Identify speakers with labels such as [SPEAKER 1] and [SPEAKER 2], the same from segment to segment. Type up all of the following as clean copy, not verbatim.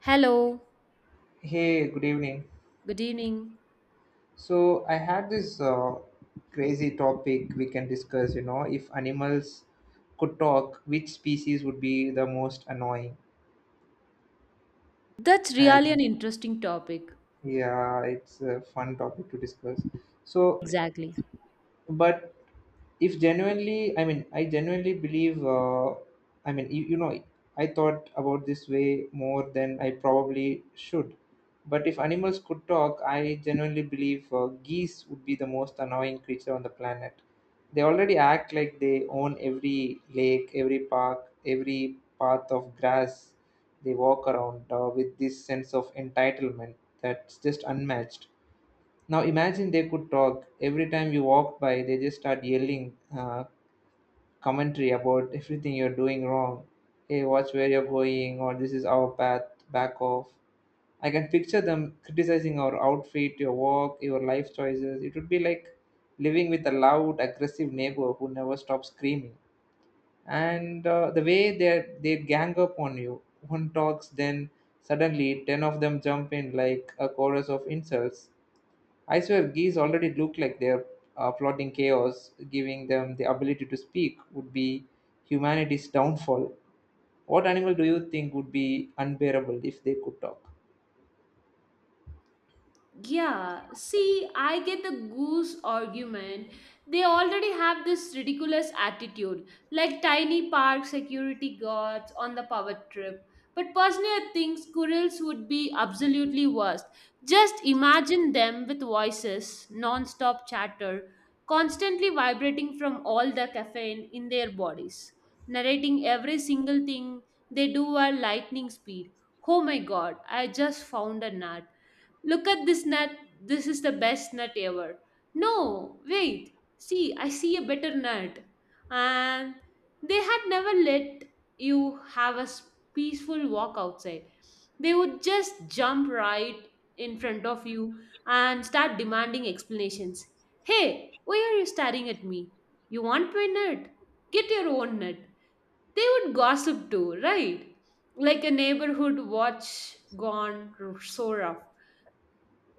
[SPEAKER 1] Hello,
[SPEAKER 2] Hey, good evening.
[SPEAKER 1] good evening.
[SPEAKER 2] So I had this crazy topic we can discuss, if animals could talk, which species would be the most annoying?
[SPEAKER 1] That's really an
[SPEAKER 2] And
[SPEAKER 1] interesting topic.
[SPEAKER 2] yeah, it's a fun topic to discuss. So,
[SPEAKER 1] Exactly.
[SPEAKER 2] but if genuinely I mean I genuinely believe, I mean, I thought about this way more than I probably should. But if animals could talk, I genuinely believe geese would be the most annoying creature on the planet. They already act like they own every lake, every park, every path of grass. They walk around with this sense of entitlement that's just unmatched. Now imagine they could talk. Every time you walk by, they just start yelling commentary about everything you're doing wrong. Hey, watch where you're going, or this is our path, back off. I can picture them criticizing our outfit, your walk, your life choices. It would be like living with a loud, aggressive neighbor who never stops screaming. And the way they gang up on you, one talks, then suddenly ten of them jump in like a chorus of insults. I swear, geese already look like they're plotting chaos. Giving them the ability to speak would be humanity's downfall. What animal do you think would be unbearable if they could talk?
[SPEAKER 1] Yeah, see, I get the goose argument. They already have this ridiculous attitude, like tiny park security guards on the power trip. But personally, I think squirrels would be absolutely worst. Just imagine them with voices, non stop chatter, constantly vibrating from all the caffeine in their bodies, narrating every single thing they do at lightning speed. Oh my god, I just found a nut. Look at this nut. This is the best nut ever. No, wait. See, I see a better nut. And they had never let you have a peaceful walk outside. They would just jump right in front of you and start demanding explanations. Hey, why are you staring at me? You want my nut? Get your own nut. They would gossip too, right? Like a neighborhood watch gone so rough.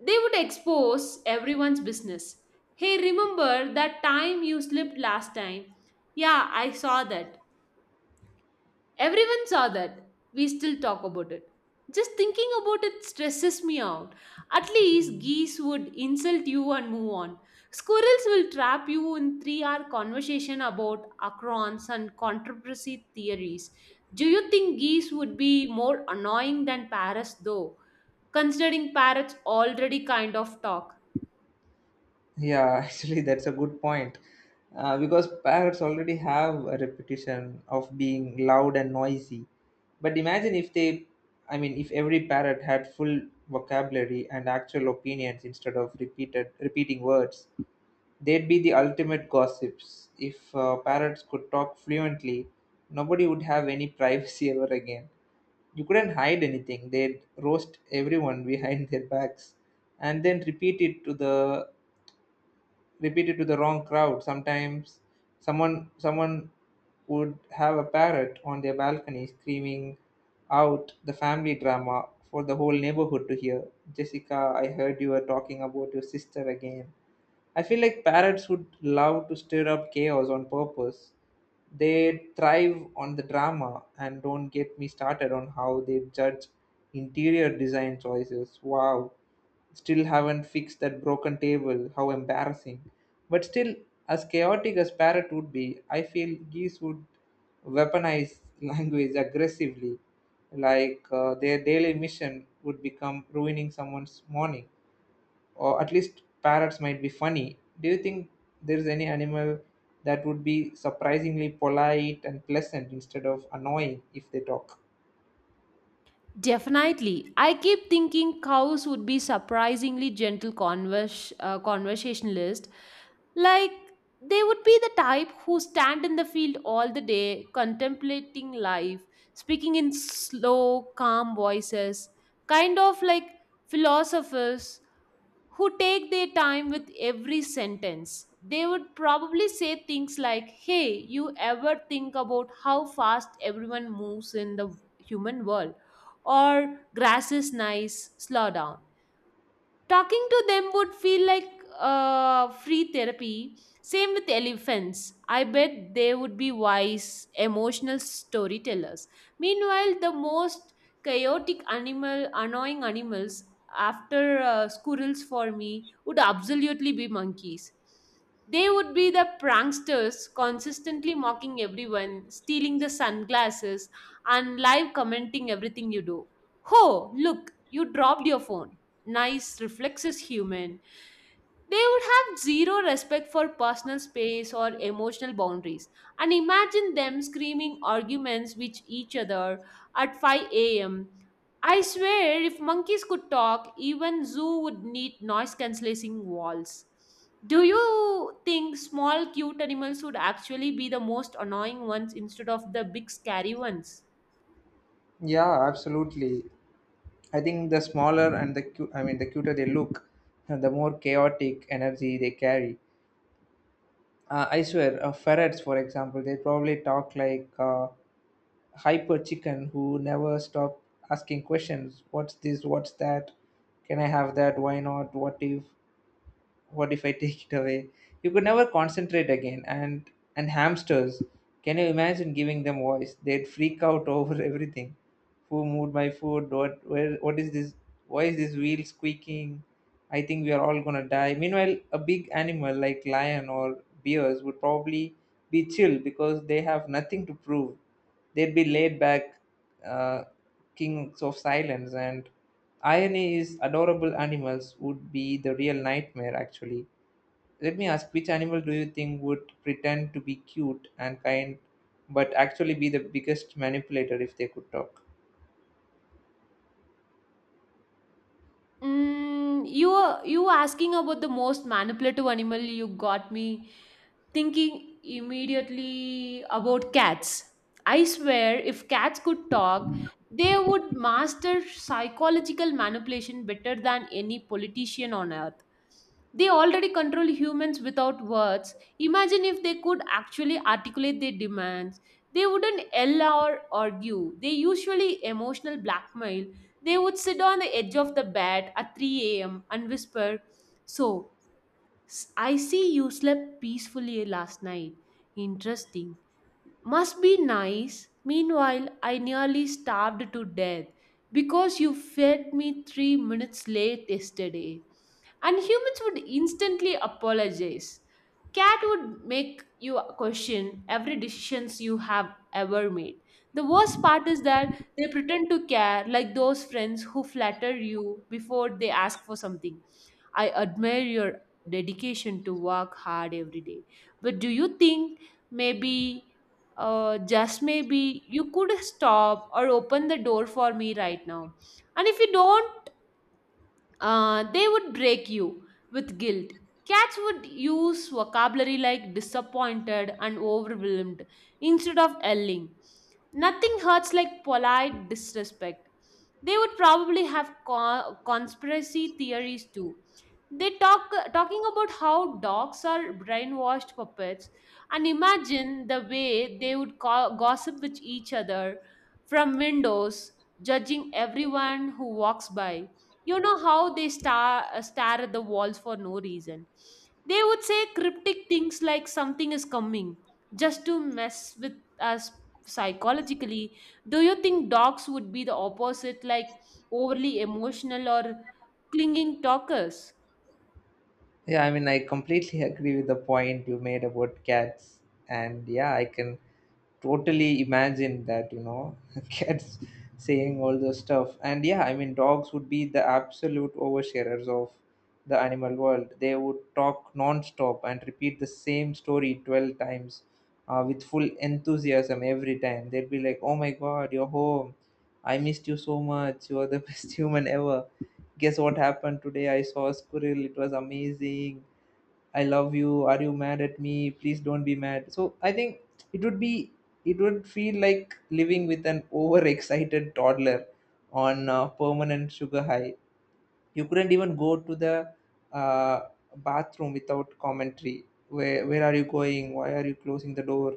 [SPEAKER 1] They would expose everyone's business. Hey, remember that time you slipped last time? Yeah, I saw that. Everyone saw that. We still talk about it. Just thinking about it stresses me out. At least geese would insult you and move on. Squirrels will trap you in 3 hour conversation about acrons and controversy theories. Do you think geese would be more annoying than parrots though? Considering parrots already kind of talk.
[SPEAKER 2] Yeah, actually, that's a good point. Because parrots already have a reputation of being loud and noisy. But imagine if they, I mean, if every parrot had full vocabulary and actual opinions instead of repeated repeating words. They'd be the ultimate gossips. If parrots could talk fluently, nobody would have any privacy ever again. You couldn't hide anything. They'd roast everyone behind their backs, and then repeat it to the wrong crowd. Sometimes someone would have a parrot on their balcony screaming out the family drama for the whole neighborhood to hear. Jessica, I heard you were talking about your sister again. I feel like parrots would love to stir up chaos on purpose. They thrive on the drama, and don't get me started on how they judge interior design choices. Wow, still haven't fixed that broken table. How embarrassing. But still, as chaotic as parrot would be, I feel geese would weaponize language aggressively. Like their daily mission would become ruining someone's morning, or at least parrots might be funny. Do you think there's any animal that would be surprisingly polite and pleasant instead of annoying if they talk?
[SPEAKER 1] Definitely. I keep thinking cows would be surprisingly gentle conversationalists. Like, they would be the type who stand in the field all the day, contemplating life, speaking in slow, calm voices, kind of like philosophers who take their time with every sentence. They would probably say things like, hey, you ever think about how fast everyone moves in the human world? Or grass is nice, slow down. Talking to them would feel like free therapy. Same with elephants. I bet they would be wise, emotional storytellers. Meanwhile, the most annoying animals after squirrels for me would absolutely be monkeys. They would be the pranksters, consistently mocking everyone, stealing the sunglasses, and live commenting everything you do. Ho, look, you dropped your phone. Nice reflexes, human. They would have zero respect for personal space or emotional boundaries. And imagine them screaming arguments with each other at 5 a.m. I swear, if monkeys could talk, even zoo would need noise cancelling walls. Do you think small cute animals would actually be the most annoying ones instead of the big scary ones?
[SPEAKER 2] Yeah, absolutely. I think the smaller and the I mean the cuter they look, the more chaotic energy they carry. I swear, ferrets, for example, they probably talk like hyper chicken who never stop asking questions. What's this? What's that? Can I have that? Why not? What if? What if I take it away? You could never concentrate again. And hamsters, can you imagine giving them voice? They'd freak out over everything. Who moved my food? What? Where? What is this? Why is this wheel squeaking? I think we are all going to die. Meanwhile, a big animal like lion or bears would probably be chill because they have nothing to prove. They'd be laid back, uh, kings of silence. And irony is, adorable animals would be the real nightmare actually. Let me ask, which animal do you think would pretend to be cute and kind but actually be the biggest manipulator if they could talk?
[SPEAKER 1] Mm, you were asking about the most manipulative animal. You got me thinking immediately about cats. I swear, if cats could talk, they would master psychological manipulation better than any politician on earth. They already control humans without words. Imagine if they could actually articulate their demands. They wouldn't yell or argue. They usually emotional blackmail. They would sit on the edge of the bed at 3 a.m. and whisper, so, I see you slept peacefully last night. Interesting. Must be nice. Meanwhile, I nearly starved to death because you fed me 3 minutes late yesterday. And humans would instantly apologize. Cat would make you question every decisions you have ever made. The worst part is that they pretend to care like those friends who flatter you before they ask for something. I admire your dedication to work hard every day. But do you think maybe, just maybe, you could stop or open the door for me right now? And if you don't, they would break you with guilt. Cats would use vocabulary like disappointed and overwhelmed instead of yelling. Nothing hurts like polite disrespect. They would probably have conspiracy theories too. They talking about how dogs are brainwashed puppets, and imagine the way they would gossip with each other from windows, judging everyone who walks by. You know how they stare at the walls for no reason. They would say cryptic things like something is coming, just to mess with us psychologically. Do you think dogs would be the opposite, like overly emotional or clinging talkers?
[SPEAKER 2] Yeah, I mean, I completely agree with the point you made about cats. And yeah, I can totally imagine that, cats saying all those stuff. And yeah, I mean, dogs would be the absolute oversharers of the animal world. They would talk non-stop and repeat the same story 12 times with full enthusiasm every time. They'd be like, oh my God, you're home. I missed you so much. You are the best human ever. Guess what happened today? I saw a squirrel. It was amazing. I love you. Are you mad at me? Please don't be mad. So I think it would be it would feel like living with an overexcited toddler on a permanent sugar high. You couldn't even go to the uh, bathroom without commentary. Where are you going? Why are you closing the door?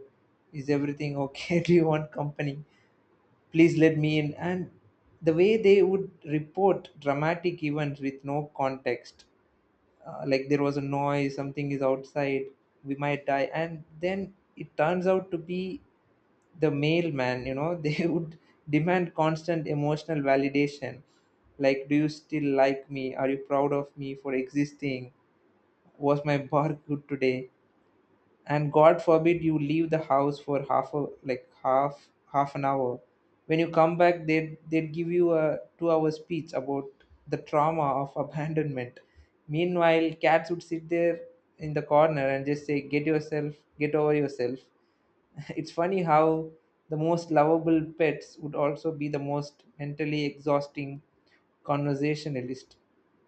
[SPEAKER 2] Is everything okay? Do you want company? Please let me in. And the way they would report dramatic events with no context, like there was a noise, something is outside, we might die, and then it turns out to be the mailman. They would demand constant emotional validation, like, do you still like me? Are you proud of me for existing? Was my bar good today? And god forbid you leave the house for half a like half half an hour. When you come back, they'd give you a 2-hour hour speech about the trauma of abandonment. Meanwhile, cats would sit there in the corner and just say, get over yourself. It's funny how the most lovable pets would also be the most mentally exhausting conversationalist.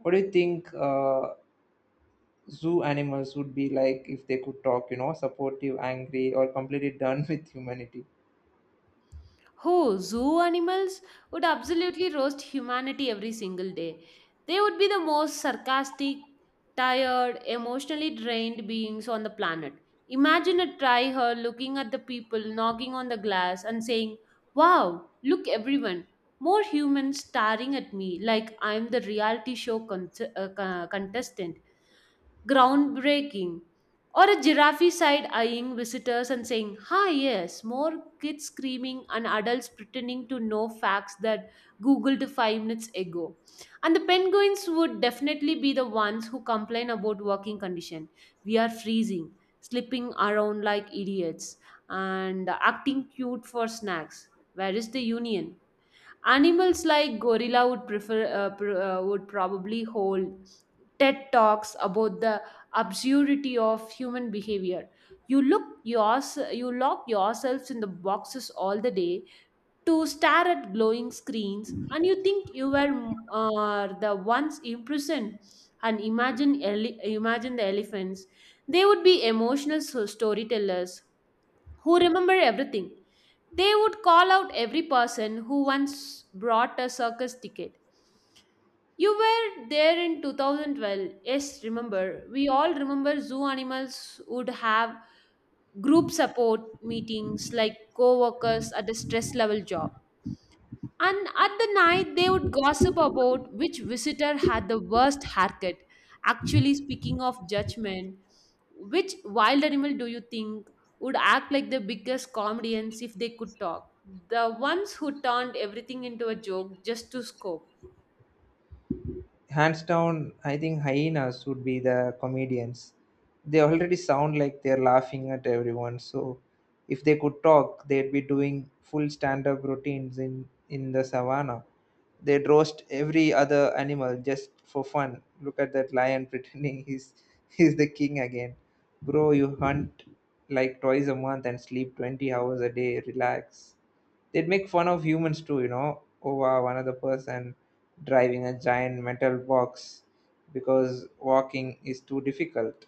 [SPEAKER 2] What do you think? Zoo animals would be like, if they could talk, supportive, angry, or completely done with humanity?
[SPEAKER 1] Who? Zoo animals would absolutely roast humanity every single day. They would be the most sarcastic, tired, emotionally drained beings on the planet. Imagine a tryhard looking at the people knocking on the glass and saying, wow, look everyone, more humans staring at me like I'm the reality show contestant. Groundbreaking. Or a giraffe side eyeing visitors and saying, hi, yes, more kids screaming and adults pretending to know facts that Googled 5 minutes ago. And the penguins would definitely be the ones who complain about working condition. We are freezing, slipping around like idiots, and acting cute for snacks. Where is the union? Animals like gorilla would probably hold TED talks about the absurdity of human behavior. You lock yourselves in the boxes all the day to stare at glowing screens and you think you were the ones imprisoned. And imagine the elephants. They would be storytellers who remember everything. They would call out every person who once brought a circus ticket. You were there in 2012. Yes, remember. We all remember. Zoo animals would have group support meetings like co workers at the stress level job. And at the night, they would gossip about which visitor had the worst haircut. Actually, speaking of judgment, which wild animal do you think would act like the biggest comedians if they could talk? The ones who turned everything into a joke just to scope.
[SPEAKER 2] Hands down, I think hyenas would be the comedians. They already sound like they're laughing at everyone. So if they could talk, they'd be doing full stand-up routines in the savannah. They'd roast every other animal just for fun. Look at that lion pretending he's the king again. Bro, you hunt like twice a month and sleep 20 hours a day. Relax. They'd make fun of humans too, oh, over another person driving a giant metal box because walking is too difficult.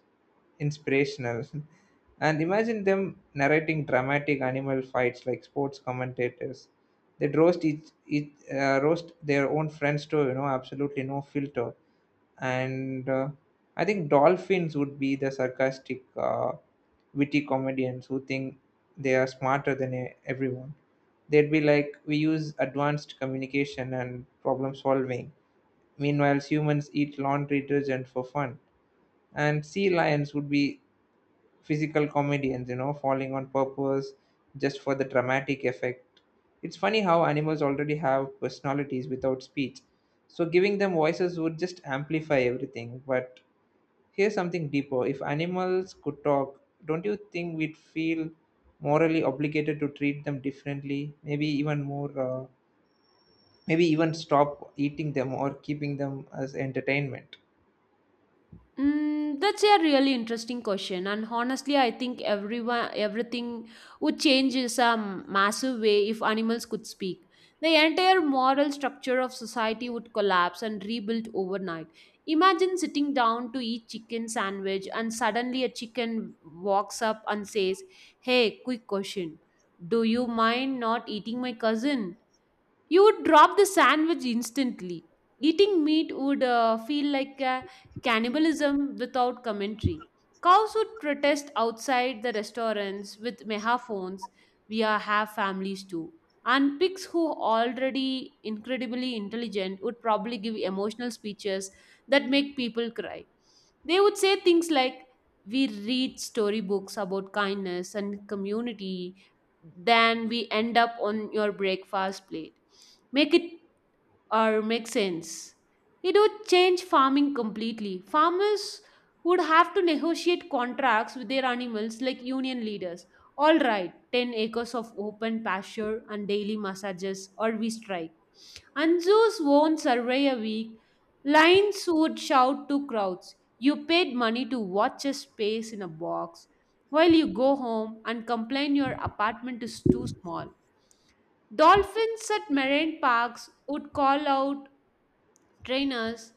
[SPEAKER 2] Inspirational. And imagine them narrating dramatic animal fights like sports commentators. They'd roast each roast their own friends too, absolutely no filter. And I think dolphins would be the sarcastic, witty comedians who think they are smarter than everyone. They'd be like, we use advanced communication and problem solving, meanwhile humans eat laundry detergent for fun. And sea lions would be physical comedians, falling on purpose just for the dramatic effect. It's funny how animals already have personalities without speech, so giving them voices would just amplify everything. But here's something deeper. If animals could talk, don't you think we'd feel morally obligated to treat them differently, maybe even more, maybe even stop eating them or keeping them as entertainment?
[SPEAKER 1] Mm, that's a really interesting question, and honestly, I think everyone everything would change in a massive way if animals could speak. The entire moral structure of society would collapse and rebuild overnight. Imagine sitting down to eat chicken sandwich, and suddenly a chicken walks up and says, "Hey, quick question! Do you mind not eating my cousin?" You would drop the sandwich instantly. Eating meat would feel like a cannibalism without commentary. Cows would protest outside the restaurants with megaphones. We are, have families too. And pigs, who already incredibly intelligent, would probably give emotional speeches that make people cry. They would say things like, we read storybooks about kindness and community than we end up on your breakfast plate. Make it or make sense. It would change farming completely. Farmers would have to negotiate contracts with their animals like union leaders. All right, 10 acres of open pasture and daily massages, or we strike. Anzu's own survey a week, lions would shout to crowds, you paid money to watch a space in a box, while you go home and complain your apartment is too small. Dolphins at marine parks would call out trainers,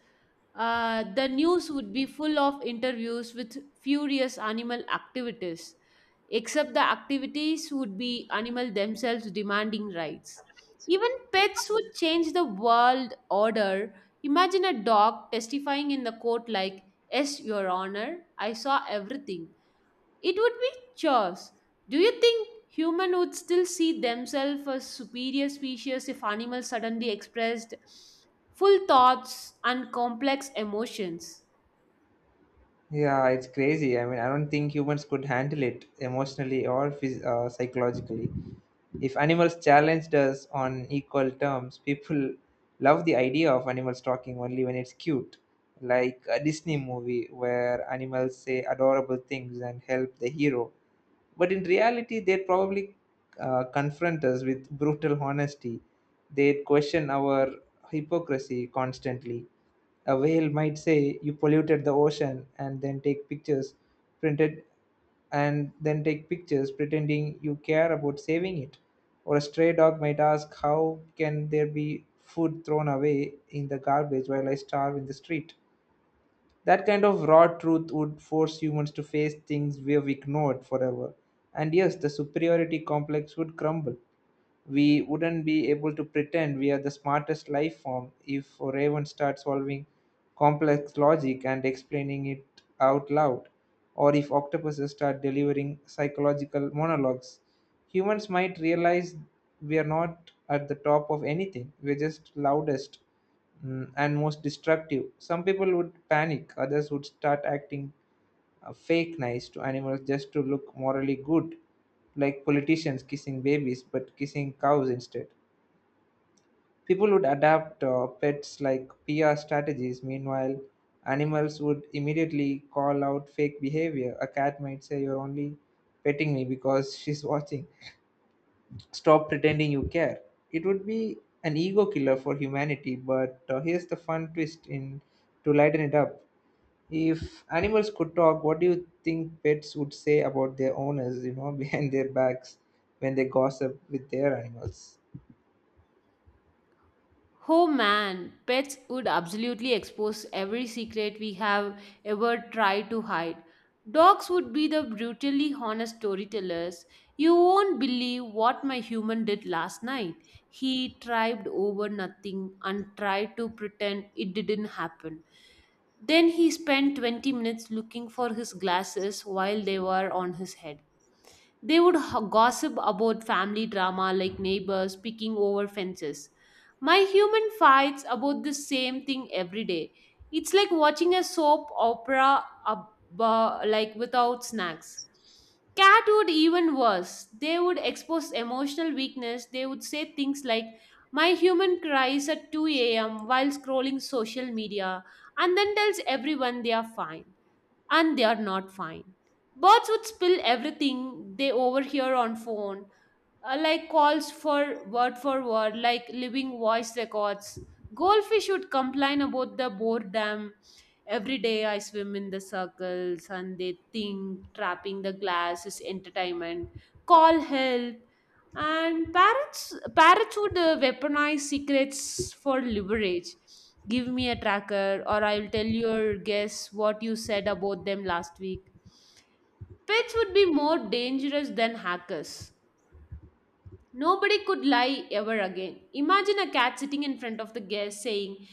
[SPEAKER 1] the news would be full of interviews with furious animal activities, except the activities would be animal themselves demanding rights. Even pets would change the world order. Imagine a dog testifying in the court like, yes, Your Honor, I saw everything. It would be chores. Do you think human would still see themselves as superior species if animals suddenly expressed full thoughts and complex emotions?
[SPEAKER 2] Yeah, it's crazy. I mean, I don't think humans could handle it emotionally or psychologically. If animals challenged us on equal terms, people love the idea of animals talking only when it's cute, like a Disney movie where animals say adorable things and help the hero. But in reality, they'd probably confront us with brutal honesty. They'd question our hypocrisy constantly. A whale might say, you polluted the ocean and printed then take pictures pretending you care about saving it. Or a stray dog might ask, how can there be food thrown away in the garbage while I starve in the street? That kind of raw truth would force humans to face things we have ignored forever. And yes, the superiority complex would crumble. We wouldn't be able to pretend we are the smartest life form if a raven starts solving complex logic and explaining it out loud, or if octopuses start delivering psychological monologues. Humans might realize we are not at the top of anything, we're just loudest, and most destructive. Some people would panic, others would start acting fake nice to animals just to look morally good, like politicians kissing babies but kissing cows instead. People would adapt pets like PR strategies. Meanwhile, animals would immediately call out fake behavior. A cat might say, you're only petting me because she's watching, stop pretending you care. It would be an ego killer for humanity, but here's the fun twist in to lighten it up. If animals could talk, what do you think pets would say about their owners, behind their backs when they gossip with their animals?
[SPEAKER 1] Oh man, pets would absolutely expose every secret we have ever tried to hide. Dogs would be the brutally honest storytellers. You won't believe what my human did last night. He tripped over nothing and tried to pretend it didn't happen. Then he spent 20 minutes looking for his glasses while they were on his head. They would gossip about family drama like neighbors picking over fences. My human fights about the same thing every day. It's like watching a soap opera like without snacks. Cat would even worse. They would expose emotional weakness. They would say things like, my human cries at 2 a.m. while scrolling social media, and then tells everyone they are fine, and they are not fine. Birds would spill everything they overhear on phone like calls for word, like living voice records. Goldfish would complain about the boredom. Every day I swim in the circles and they think trapping the glass is entertainment. Call help. And parrots would weaponize secrets for leverage. Give me a tracker, or I'll tell your guess what you said about them last week. Pets would be more dangerous than hackers. Nobody could lie ever again. Imagine a cat sitting in front of the guest saying,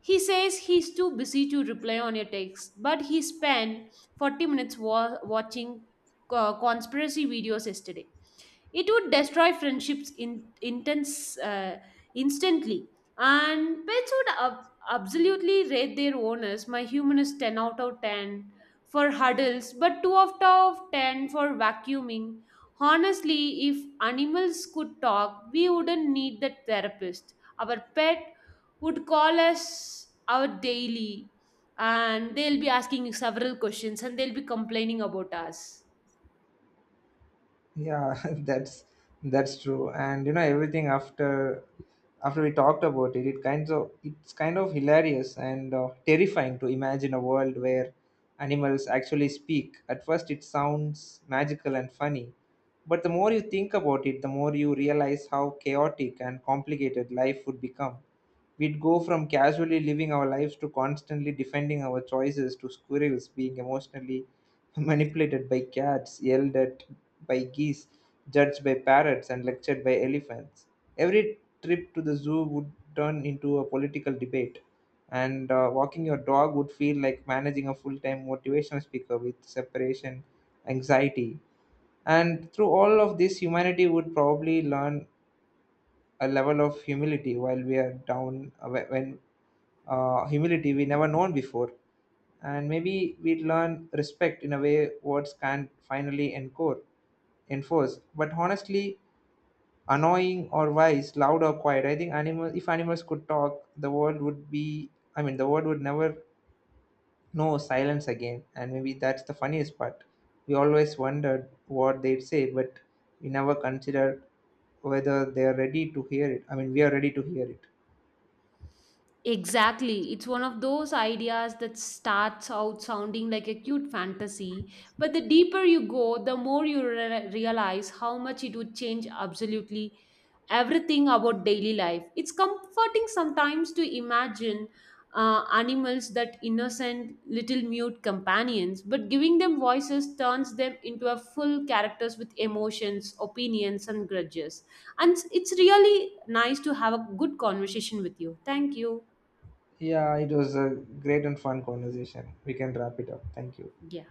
[SPEAKER 1] he says he's too busy to reply on your text, but he spent 40 minutes watching conspiracy videos yesterday. It would destroy friendships in intense instantly. And pets would absolutely rate their owners. My human is 10 out of 10 for huddles but 2 out of 10 for vacuuming. Honestly, if animals could talk we wouldn't need the therapist. Our pet would call us our daily and they'll be asking several questions and they'll be complaining about us.
[SPEAKER 2] Yeah, that's true. And you know everything after we talked about it, it's kind of hilarious and terrifying to imagine a world where animals actually speak. At first, it sounds magical and funny, but the more you think about it, the more you realize how chaotic and complicated life would become. We'd go from casually living our lives to constantly defending our choices, to squirrels being emotionally manipulated by cats, yelled at by geese, judged by parrots, and lectured by elephants. Every trip to the zoo would turn into a political debate, and walking your dog would feel like managing a full time motivational speaker with separation anxiety. And through all of this, humanity would probably learn a level of humility while we are down, wh- when humility we never known before. And maybe we'd learn respect in a way words can't finally encore enforce. But honestly, annoying or wise, loud or quiet, I think animal if animals could talk, the world would be, I mean, the world would never know silence again. And maybe that's the funniest part. We always wondered what they'd say, but we never considered whether they are ready to hear it. I mean, we are ready to hear it.
[SPEAKER 1] Exactly. It's one of those ideas that starts out sounding like a cute fantasy, but the deeper you go, the more you realize how much it would change absolutely everything about daily life. It's comforting sometimes to imagine animals that innocent little mute companions, but giving them voices turns them into a full characters with emotions, opinions, and grudges. And it's really nice to have a good conversation with you. Thank you.
[SPEAKER 2] Yeah, it was a great and fun conversation. We can wrap it up. Thank you.
[SPEAKER 1] Yeah.